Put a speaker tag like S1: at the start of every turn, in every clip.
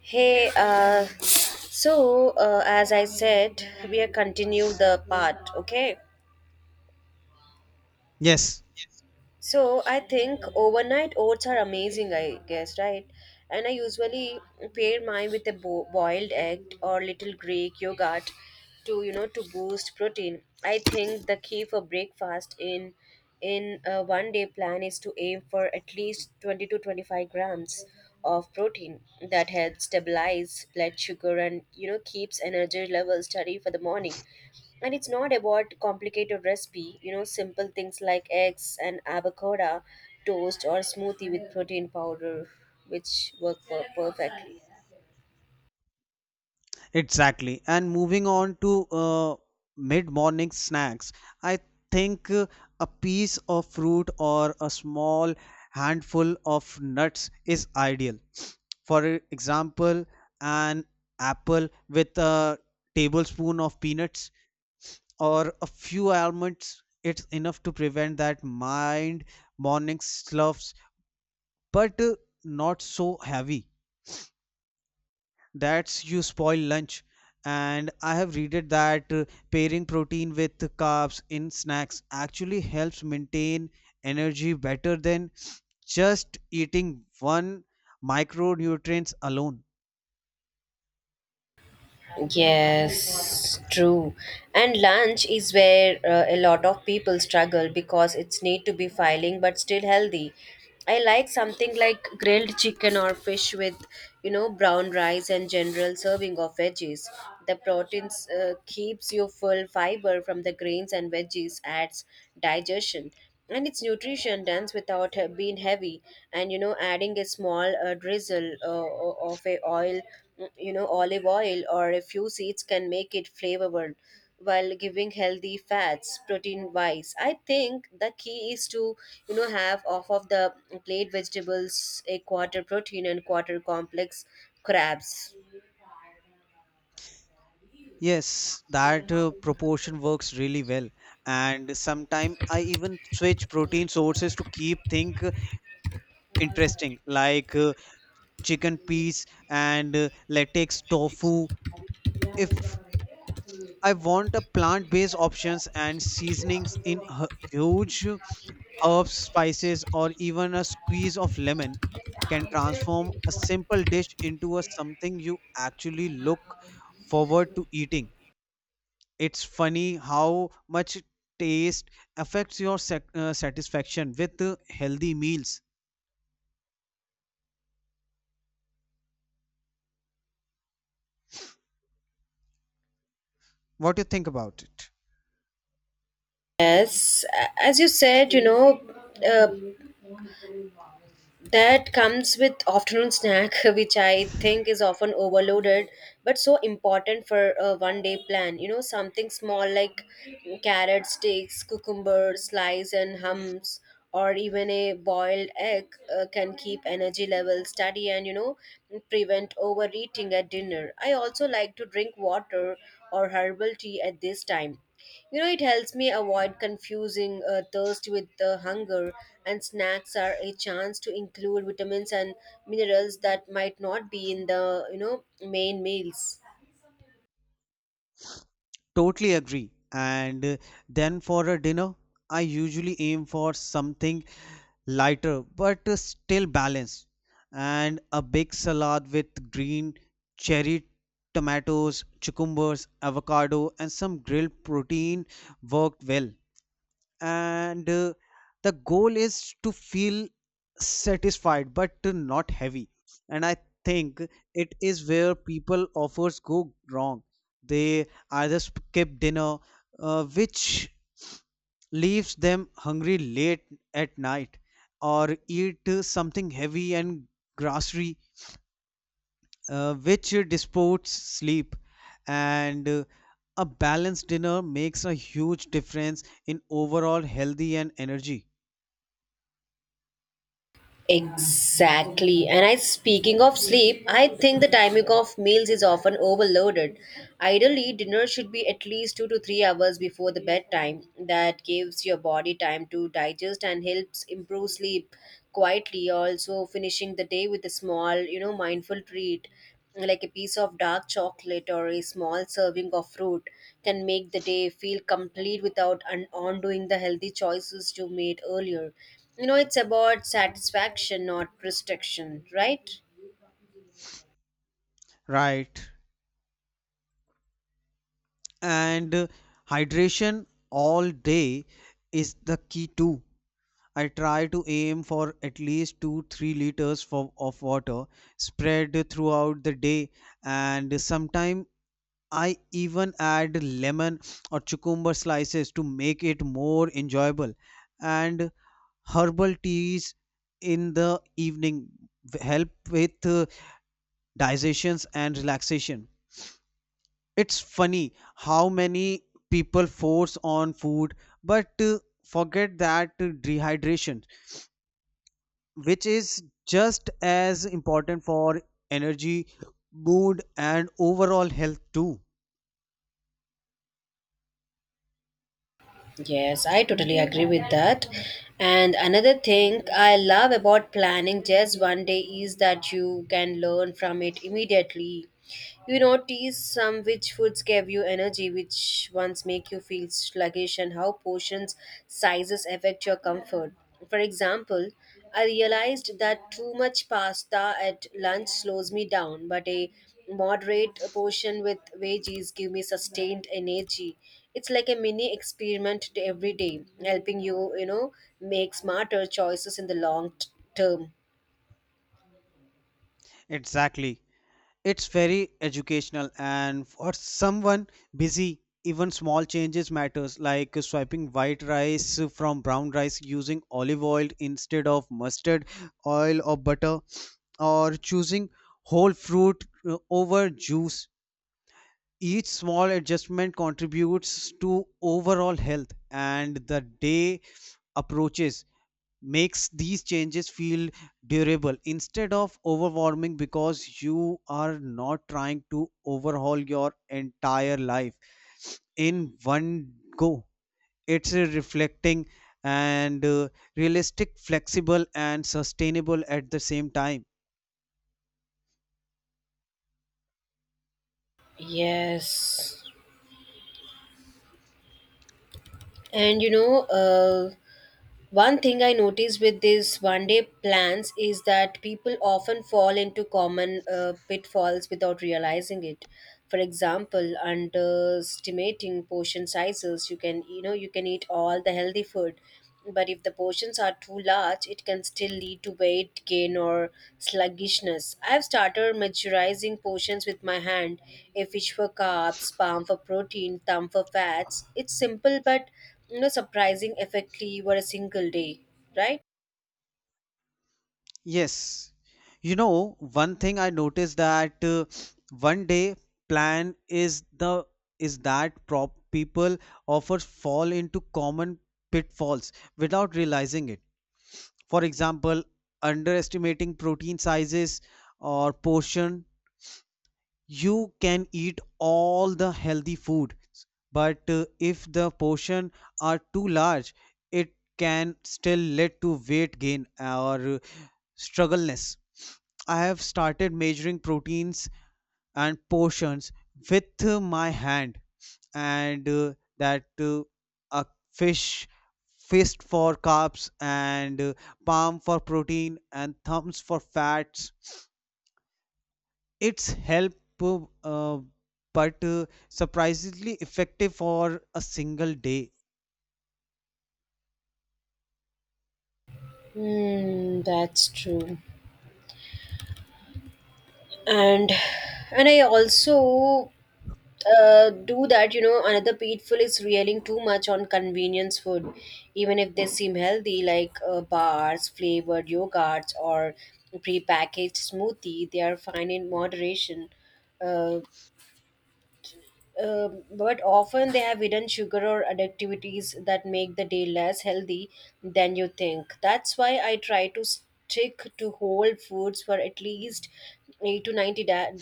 S1: Hey, as I said, we are continue the part, okay?
S2: Yes,
S1: So I think overnight oats are amazing, I guess, right? And I usually pair mine with a boiled egg or little Greek yogurt to you know to boost protein. I think the key for breakfast in a one day plan is to aim for at least 20 to 25 grams of protein that helps stabilize blood sugar and keeps energy levels steady for the morning. And it's not about complicated recipe, simple things like eggs and avocado toast or smoothie with protein powder, which work perfectly.
S2: exactly. And moving on to mid-morning snacks, I think a piece of fruit or a small handful of nuts is ideal. For example, an apple with a tablespoon of peanuts or a few almonds, it's enough to prevent that mind morning sloughs, but not so heavy. That's you spoil lunch. And I have read that pairing protein with carbs in snacks actually helps maintain energy better than just eating one micronutrients alone.
S1: Yes, true. And lunch is where a lot of people struggle because it's need to be filing but still healthy. I like something like grilled chicken or fish with brown rice and general serving of veggies. The proteins keeps you full, fiber from the grains and veggies adds digestion and its nutrition dense without being heavy. And adding a small drizzle of a oil, olive oil or a few seeds, can make it flavorful while giving healthy fats. Protein wise, I think the key is to have off of the plate vegetables, a quarter protein and quarter complex crabs.
S2: Yes, that proportion works really well. And sometimes I even switch protein sources to keep things interesting, like chicken peas and latex tofu. If I want a plant-based options and seasonings in huge herbs, spices, or even a squeeze of lemon can transform a simple dish into a something you actually look forward to eating. It's funny how much taste affects your satisfaction with healthy meals. What do you think about it?
S1: Yes, as you said, uh, that comes with afternoon snack which I think is often overloaded, but so important for a one day plan. Something small like carrot sticks, cucumber slice and hums, or even a boiled egg can keep energy levels steady and prevent overeating at dinner. I also like to drink water or herbal tea at this time. It helps me avoid confusing thirst with hunger, and snacks are a chance to include vitamins and minerals that might not be in the main meals.
S2: Totally agree. And then for a dinner, I usually aim for something lighter but still balanced, and a big salad with green cherry tomatoes, cucumbers, avocado, and some grilled protein worked well, and the goal is to feel satisfied but not heavy. And I think it is where people offers go wrong. They either skip dinner, which leaves them hungry late at night, or eat something heavy and grocery, which disports sleep. And uh, a balanced dinner makes a huge difference in overall healthy and energy.
S1: Exactly. And I speaking of sleep, I think the timing of meals is often overloaded. Ideally, dinner should be at least 2 to 3 hours before the bedtime. That gives your body time to digest and helps improve sleep quietly. Also, finishing the day with a small, mindful treat like a piece of dark chocolate or a small serving of fruit can make the day feel complete without undoing the healthy choices you made earlier. It's about satisfaction, not restriction, right?
S2: Right. and hydration all day is the key too. I try to aim for at least 2 to 3 liters of water spread throughout the day, and sometimes I even add lemon or cucumber slices to make it more enjoyable. And herbal teas in the evening help with digestions and relaxation. It's funny how many people force on food, but forget that dehydration, which is just as important for energy, mood, and overall health too.
S1: Yes, I totally agree with that. And another thing I love about planning just one day is that you can learn from it immediately. You notice some which foods give you energy, which ones make you feel sluggish, and how portions sizes affect your comfort. For example, I realized that too much pasta at lunch slows me down, but a moderate portion with veggies give me sustained energy. It's like a mini experiment to every day, helping you make smarter choices in the long term.
S2: Exactly. It's very educational, and for someone busy, even small changes matters, like swiping white rice from brown rice, using olive oil instead of mustard oil or butter, or choosing whole fruit over juice. Each small adjustment contributes to overall health, and the day approaches makes these changes feel durable instead of overwhelming because you are not trying to overhaul your entire life in one go. It's a reflecting and realistic, flexible, and sustainable at the same time.
S1: Yes. And one thing I notice with these one day plans is that people often fall into common pitfalls without realizing it. For example, underestimating portion sizes, you can eat all the healthy food, but if the portions are too large, it can still lead to weight gain or sluggishness. I've started measuring portions with my hand, a fish for carbs, palm for protein, thumb for fats. It's simple but surprising effectively over a single day, right?
S2: Yes. You know, one thing I noticed that one day plan is the is that prop people often fall into common pitfalls without realizing it. For example, underestimating protein sizes or portion. You can eat all the healthy food, but if the portion are too large, it can still lead to weight gain or struggleness. I have started measuring proteins and portions with my hand, and that a fish fist for carbs, and palm for protein, and thumbs for fats. It's help, uh, but surprisingly effective for a single day.
S1: Mm, that's true. and and I also do that. Another people is railing too much on convenience food, even if they seem healthy, like bars, flavored yogurts, or prepackaged smoothie. They are fine in moderation, uh, but often they have hidden sugar or addictivities that make the day less healthy than you think. That's why I try to stick to whole foods for at least 8 to 90 da-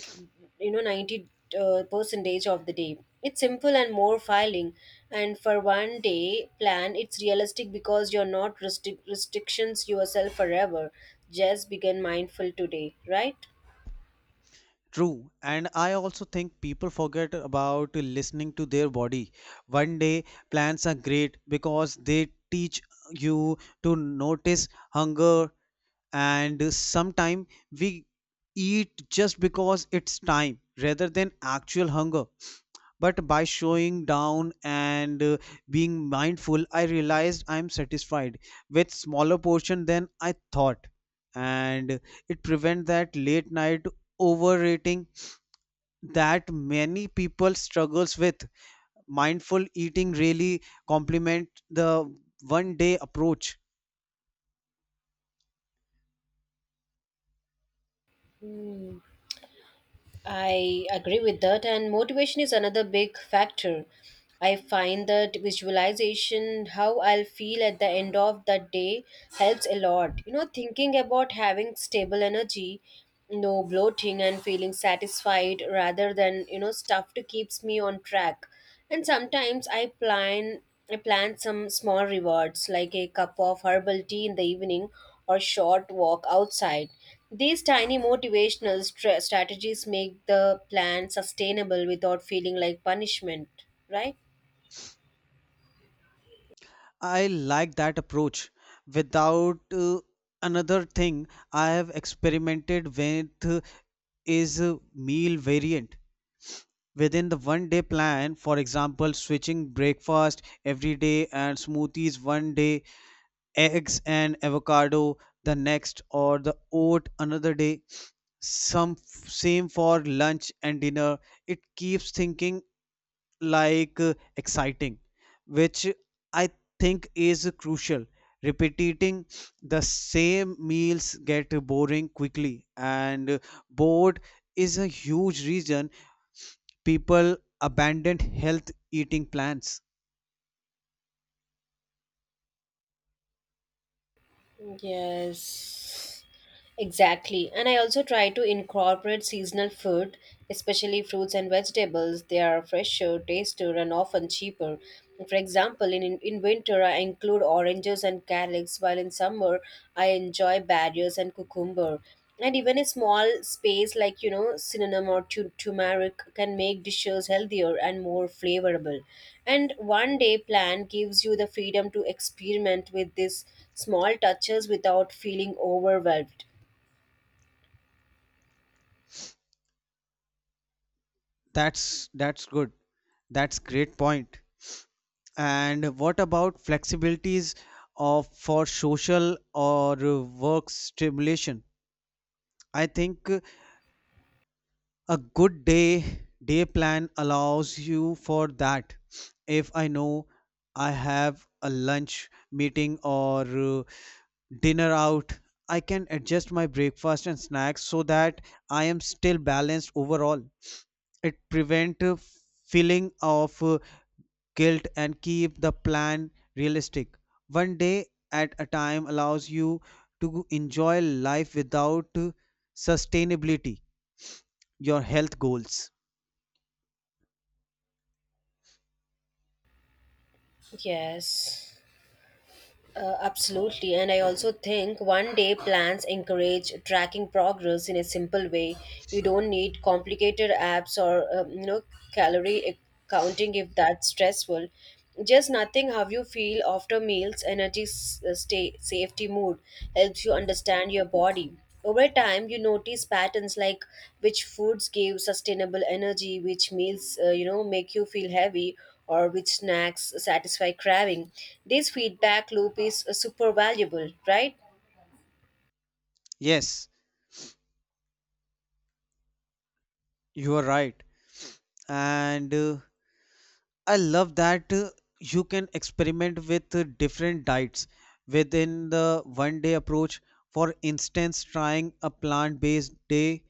S1: you know 90 percentage of the day. It's simple and more filing, and for one day plan it's realistic because you're not restrictions yourself forever. Just begin mindful today, right?
S2: True, and I also think people forget about listening to their body. One day plants are great because they teach you to notice hunger, and sometimes we eat just because it's time rather than actual hunger. But by showing down and being mindful, I realized I'm satisfied with smaller portion than I thought, and it prevent that late night overeating that many people struggles with. Mindful eating really complement the one day approach.
S1: Hmm. I agree with that, and motivation is another big factor. I find that visualization, how I'll feel at the end of that day, helps a lot. Thinking about having stable energy, no bloating, and feeling satisfied rather than stuffed keeps me on track. And sometimes I plan some small rewards like a cup of herbal tea in the evening or short walk outside. These tiny motivational strategies make the plan sustainable without feeling like punishment, right?
S2: I like that approach without another thing I have experimented with is a meal variant within the one day plan. For example, switching breakfast every day, and smoothies one day, eggs and avocado the next, or the oat another day. Same for lunch and dinner. It keeps thinking like exciting, which I think is crucial. Repeating the same meals get boring quickly, and bored is a huge reason people abandoned health eating plans.
S1: Yes. Exactly. And I also try to incorporate seasonal food, especially fruits and vegetables. They are fresher, tastier, and often cheaper. For example, in winter, I include oranges and calyx, while in summer, I enjoy berries and cucumber. And even a small space like cinnamon or turmeric can make dishes healthier and more flavorable. And one day plan gives you the freedom to experiment with these small touches without feeling overwhelmed.
S2: That's good. That's great point. And what about flexibilities of for social or work stimulation? I think a good day plan allows you for that. If I know I have a lunch meeting or uh, dinner out, I can adjust my breakfast and snacks so that I am still balanced overall. It prevent a feeling of guilt and keep the plan realistic. One day at a time allows you to enjoy life without sustainability, your health goals.
S1: Yes, absolutely. And I also think one day plans encourage tracking progress in a simple way. You don't need complicated apps or calorie counting if that's stressful. Just nothing how you feel after meals, energy, stay, safety, mood helps you understand your body. Over time, you notice patterns like which foods give sustainable energy, which meals make you feel heavy, or which snacks satisfy craving. This feedback loop is super valuable, right?
S2: Yes, you are right. And I love that you can experiment with different diets within the one day approach. For instance, trying a plant based day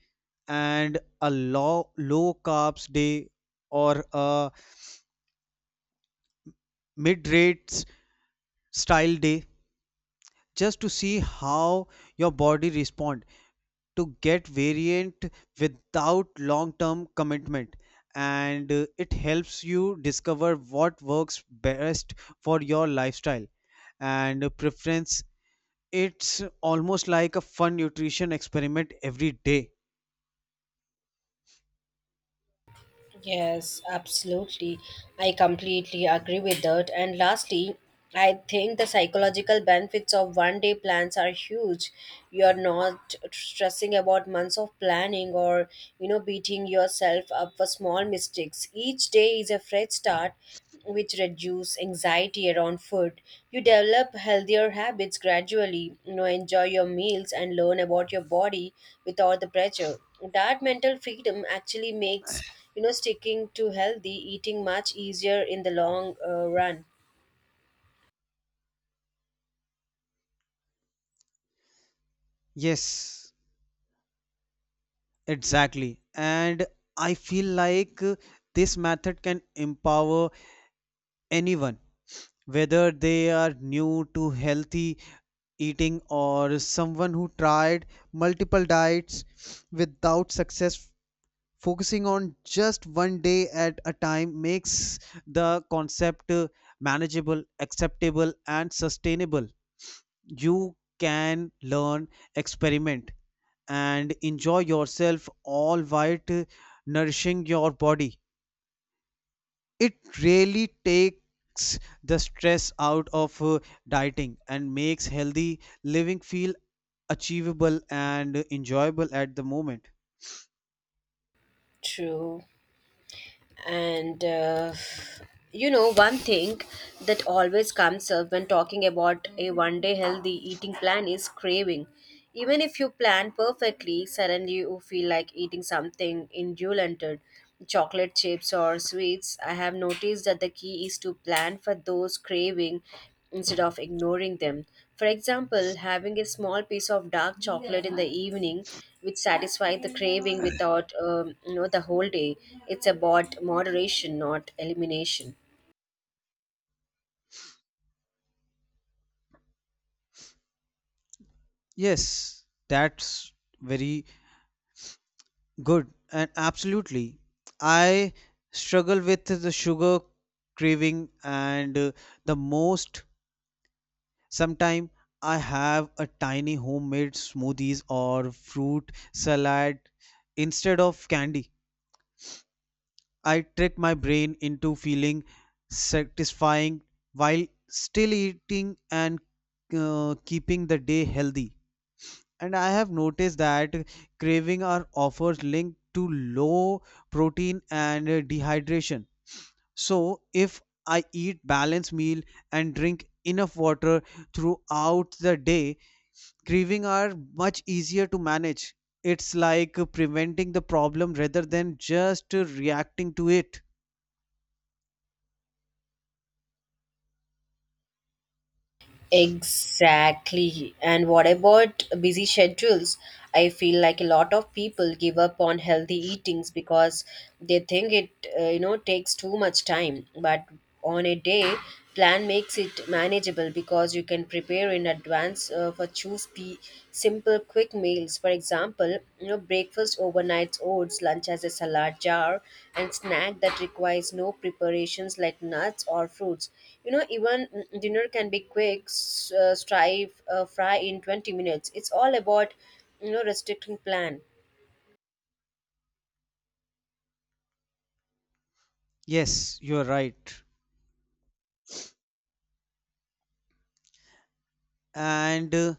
S2: and a low carbs day, or a mid rates style day, just to see how your body responds. To get variant without long term commitment, and it helps you discover what works best for your lifestyle and preference. It's almost like a fun nutrition experiment every day.
S1: Yes, absolutely. I completely agree with that. And lastly, I think the psychological benefits of one day plans are huge. You are not stressing about months of planning or beating yourself up for small mistakes. Each day is a fresh start which reduce anxiety around food. You develop healthier habits gradually, enjoy your meals and learn about your body without the pressure. That mental freedom actually makes sticking to healthy eating much easier in the long run.
S2: Yes, exactly. And I feel like this method can empower anyone, whether they are new to healthy eating or someone who tried multiple diets without success. Focusing on just one day at a time makes the concept manageable, acceptable, and sustainable. You can learn, experiment, and enjoy yourself, all while nourishing your body. It really takes the stress out of dieting and makes healthy living feel achievable and enjoyable at the moment.
S1: True. And one thing that always comes up when talking about a one day healthy eating plan is craving. Even if you plan perfectly, suddenly you feel like eating something indulgent, chocolate chips or sweets. I have noticed that the key is to plan for those craving instead of ignoring them. For example, having a small piece of dark chocolate in the evening, which satisfies the craving without the whole day. It's about moderation, not elimination.
S2: Yes, that's very good. And absolutely, I struggle with the sugar craving, and the most sometime I have a tiny homemade smoothies or fruit salad instead of candy. I trick my brain into feeling satisfying while still eating and keeping the day healthy. And I have noticed that craving are offers linked to low protein and dehydration. So if I eat balanced meal and drink enough water throughout the day, craving are much easier to manage. It's like preventing the problem rather than just reacting to it.
S1: Exactly. And what about busy schedules? I feel like a lot of people give up on healthy eatings because they think it takes too much time. But on a day, plan makes it manageable because you can prepare in advance for choose pe Simple quick meals, for example, breakfast overnight oats, lunch as a salad jar, and snack that requires no preparations like nuts or fruits. Even dinner can be quick, fry in 20 minutes. It's all about restricting plan.
S2: Yes, you're right. And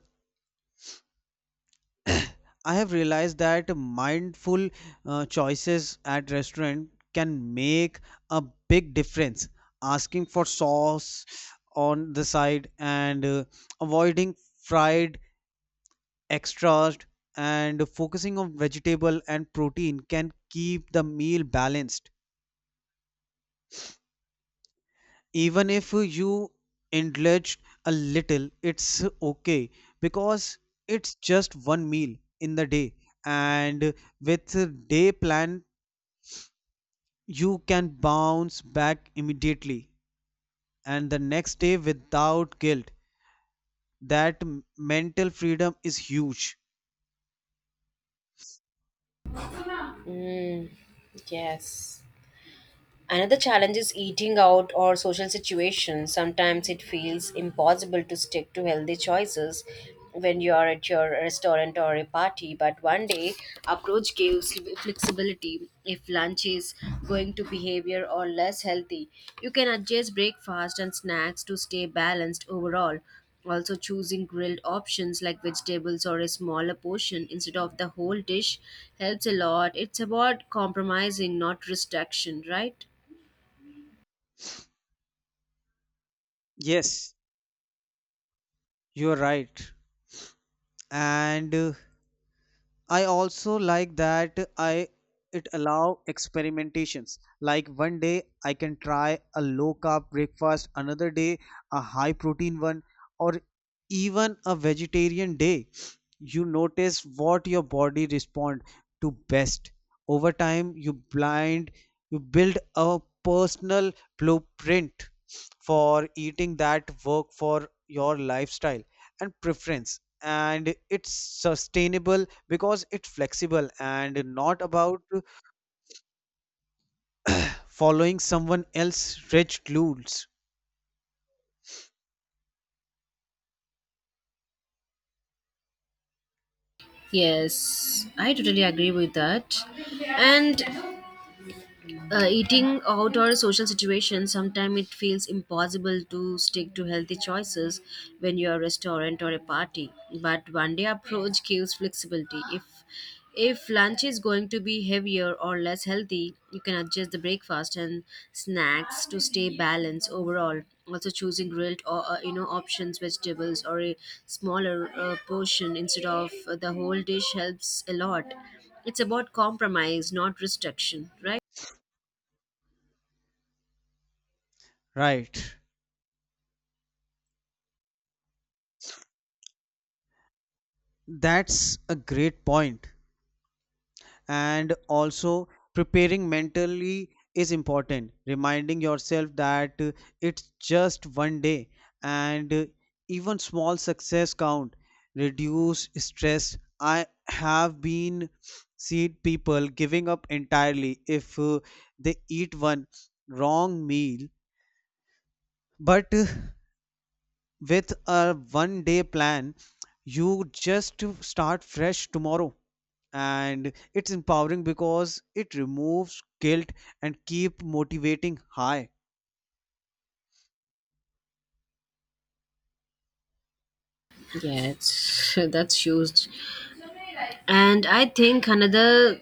S2: I have realized that mindful choices at restaurant can make a big difference. Asking for sauce on the side and avoiding fried extras and focusing on vegetable and protein can keep the meal balanced. Even if you indulged a little, it's okay, because it's just one meal in the day, and with a day plan you can bounce back immediately and the next day without guilt. That mental freedom is huge.
S1: Mm, yes. Another challenge is eating out or social situations. Sometimes it feels impossible to stick to healthy choices when you are at your restaurant or a party, but one day approach gives flexibility. If lunch is going to behavior or less healthy, you can adjust breakfast and snacks to stay balanced overall. Also, choosing grilled options like vegetables or a smaller portion instead of the whole dish helps a lot. It's about compromising, not restriction, right?
S2: Yes, you're right. And I also like that I it allow experimentations. Like one day I can try a low carb breakfast, another day a high protein one, or even a vegetarian day. You notice what your body respond to best. Over time, you build a personal blueprint for eating that work for your lifestyle and preference, and it's sustainable because it's flexible and not about following someone else's rigid rules.
S1: Yes, I totally agree with that. And eating out or social situations, sometimes it feels impossible to stick to healthy choices when you're a restaurant or a party, but one day approach gives flexibility. If lunch is going to be heavier or less healthy, you can adjust the breakfast and snacks to stay balanced overall. Also, choosing grilled or options vegetables or a smaller portion instead of the whole dish helps a lot. It's about compromise, not restriction, right?
S2: Right. That's a great point. And also preparing mentally is important, reminding yourself that it's just one day, and even small success count reduce stress. I have been seen people giving up entirely if they eat one wrong meal. But with a one day plan, you just start fresh tomorrow. And it's empowering because it removes guilt and keep motivating high.
S1: Yeah, that's huge. And I think another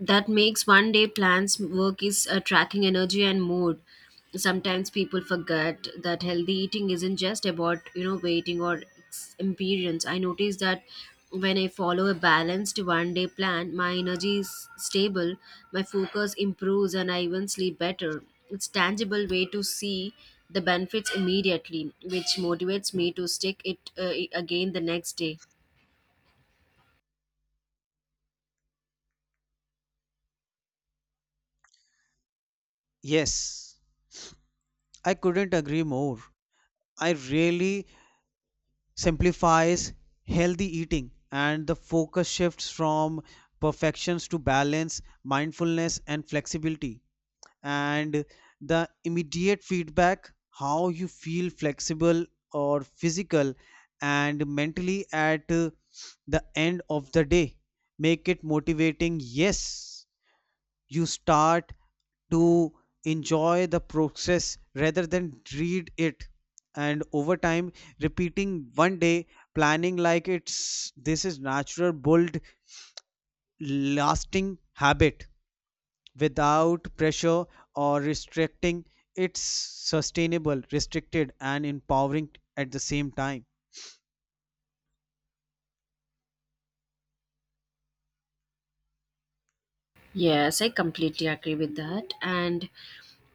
S1: that makes one day plans work is tracking energy and mood. Sometimes people forget that healthy eating isn't just about waiting or appearance. I notice that when I follow a balanced one day plan, my energy is stable, my focus improves, and I even sleep better. It's tangible way to see the benefits immediately, which motivates me to stick it again the next day.
S2: Yes, I couldn't agree more. I really simplifies healthy eating, and the focus shifts from perfections to balance, mindfulness, and flexibility. And the immediate feedback, how you feel flexible or physical and mentally at the end of the day, make it motivating. Yes, you start to enjoy the process rather than read it, and over time repeating one day planning like it's this is natural bold, lasting habit without pressure or restricting. It's sustainable, restricted, and empowering at the same time.
S1: Yes, I completely agree with that. And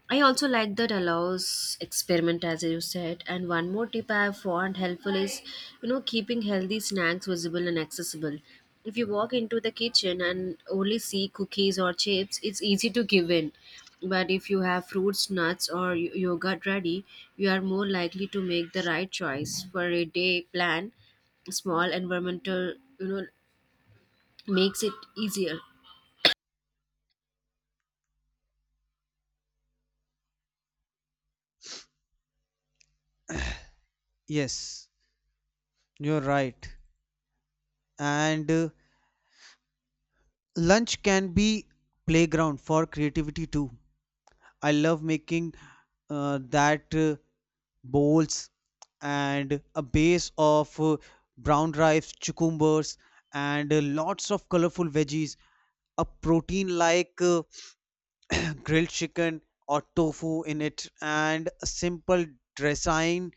S1: I also like that allows experiment as you said. And one more tip I have found helpful is keeping healthy snacks visible and accessible. If you walk into the kitchen and only see cookies or chips, it's easy to give in. But if you have fruits, nuts, or yogurt ready, you are more likely to make the right choice for a day plan. Small environmental, makes it easier.
S2: Yes, you're right. And lunch can be playground for creativity too. I love making that bowls and a base of brown rice, cucumbers, and lots of colorful veggies, a protein like grilled chicken or tofu in it, and a simple dressing.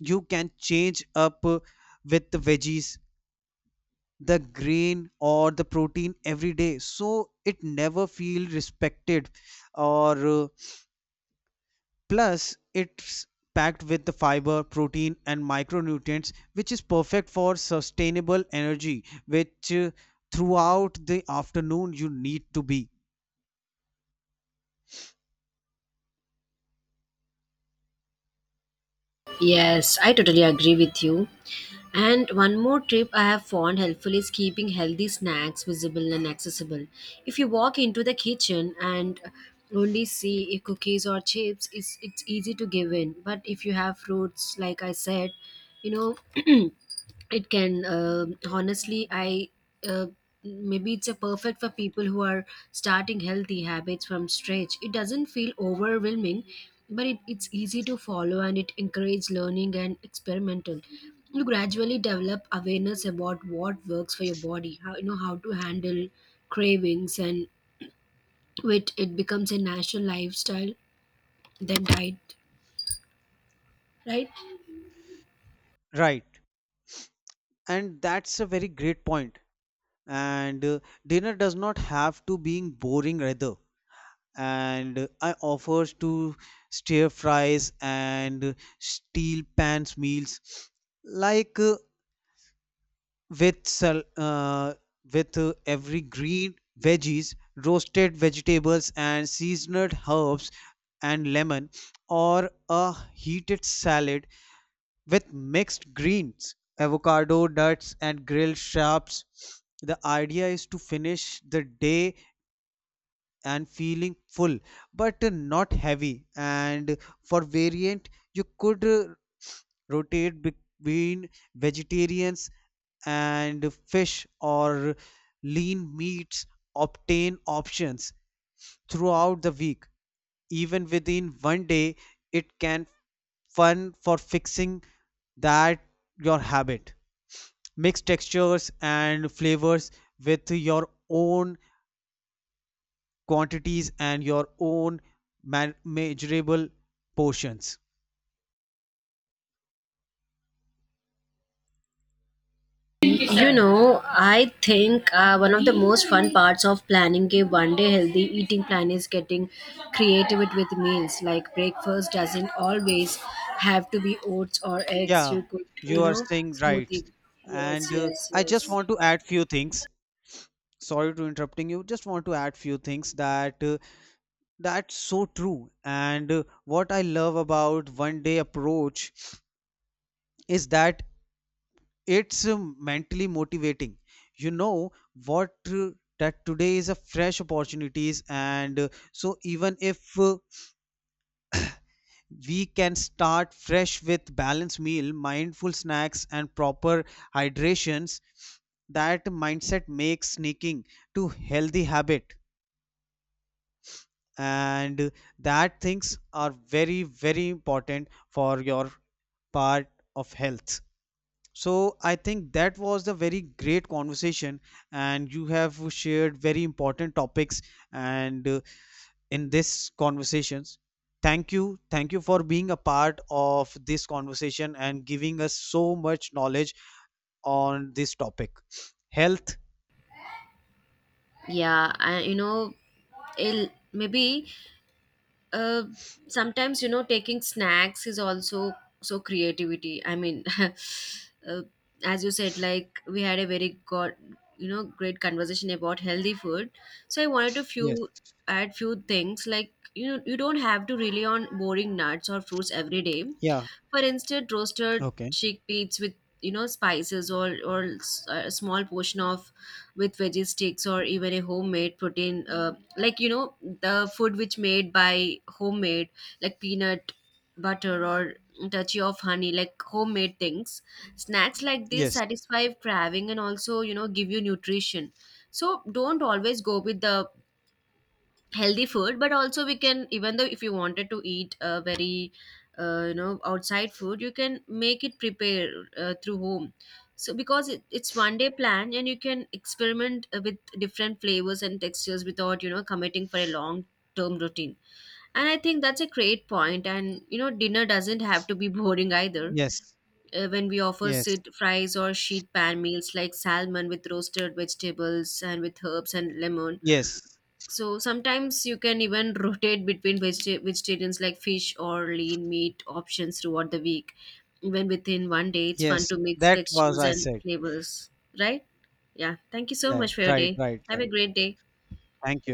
S2: You can change up with the veggies, the grain, or the protein every day, so it never feel respected. Or Plus it's packed with the fiber, protein, and micronutrients, which is perfect for sustainable energy, which throughout the afternoon you need to be.
S1: Yes, I totally agree with you. And one more tip I have found helpful is keeping healthy snacks visible and accessible. If you walk into the kitchen and only see if cookies or chips, it's easy to give in. But if you have fruits, like I said, you know, it can honestly I uh, maybe it's a perfect for people who are starting healthy habits from stretch. It doesn't feel overwhelming, but it's easy to follow and it encourages learning and experimental. You gradually develop awareness about what works for your body, how how to handle cravings, and with it becomes a natural lifestyle than diet, right?
S2: Right. And that's a very great point. And dinner does not have to being boring either. And I offers to stir fries and steel pans meals, like with sal- uh, with every green veggies, roasted vegetables and seasoned herbs and lemon, or a heated salad with mixed greens, avocado, nuts, and grilled shrubs. The idea is to finish the day and feeling full, but not heavy. And for variant, you could rotate between vegetarians and fish or lean meats obtain options throughout the week. Even within one day, it can fun for fixing that your habit. Mix textures and flavors with your own quantities and your own measurable portions.
S1: I think one of the most fun parts of planning a one day healthy eating plan is getting creative with meals. Like breakfast doesn't always have to be oats or eggs.
S2: Yeah,
S1: You could, you
S2: you are
S1: know,
S2: saying right.
S1: smoothie. Yes,
S2: And
S1: yes,
S2: I just
S1: yes.
S2: want to add few things. Sorry to interrupting you. Just want to add few things that that's so true. And what I love about one day approach is that it's mentally motivating. You know what that today is a fresh opportunities, and so even if we can start fresh with balanced meal, mindful snacks, and proper hydrations, that mindset makes sneaking to healthy habit, and that things are very very important for your part of health. So I think that was the very great conversation, and you have shared very important topics and in this conversations. Thank you for being a part of this conversation and giving us so much knowledge on this topic, health.
S1: Yeah, I, you know, it'll, maybe uh, sometimes taking snacks is also so creativity, I mean as you said, like we had a very god, great conversation about healthy food, so I wanted to
S2: Yes.
S1: few add few things, like you don't have to rely on boring nuts or fruits every day.
S2: Yeah.
S1: For instead, roasted
S2: Okay.
S1: chickpeas with spices, or a small portion of with veggie sticks, or even a homemade protein like the food which made by homemade, like peanut butter or touchy of honey, like homemade things. Snacks like this
S2: Yes.
S1: satisfy craving and also give you nutrition. So don't always go with the healthy food, but also we can, even though if you wanted to eat a very outside food, you can make it prepare through home. So because it's one day plan and you can experiment with different flavors and textures without committing for a long term routine. And I think that's a great point. And dinner doesn't have to be boring either.
S2: Yes.
S1: When we offer
S2: Yes.
S1: sit fries or sheet pan meals like salmon with roasted vegetables and with herbs and lemon,
S2: Yes.
S1: so sometimes you can even rotate between vegetarians like fish or lean meat options throughout the week. Even within one day, it's
S2: Yes.
S1: fun to mix
S2: That was
S1: textures
S2: I
S1: and
S2: said.
S1: flavors, right? Yeah. Thank you so
S2: That.
S1: much for your
S2: Right.
S1: day.
S2: Right.
S1: Have a
S2: Right.
S1: great day.
S2: Thank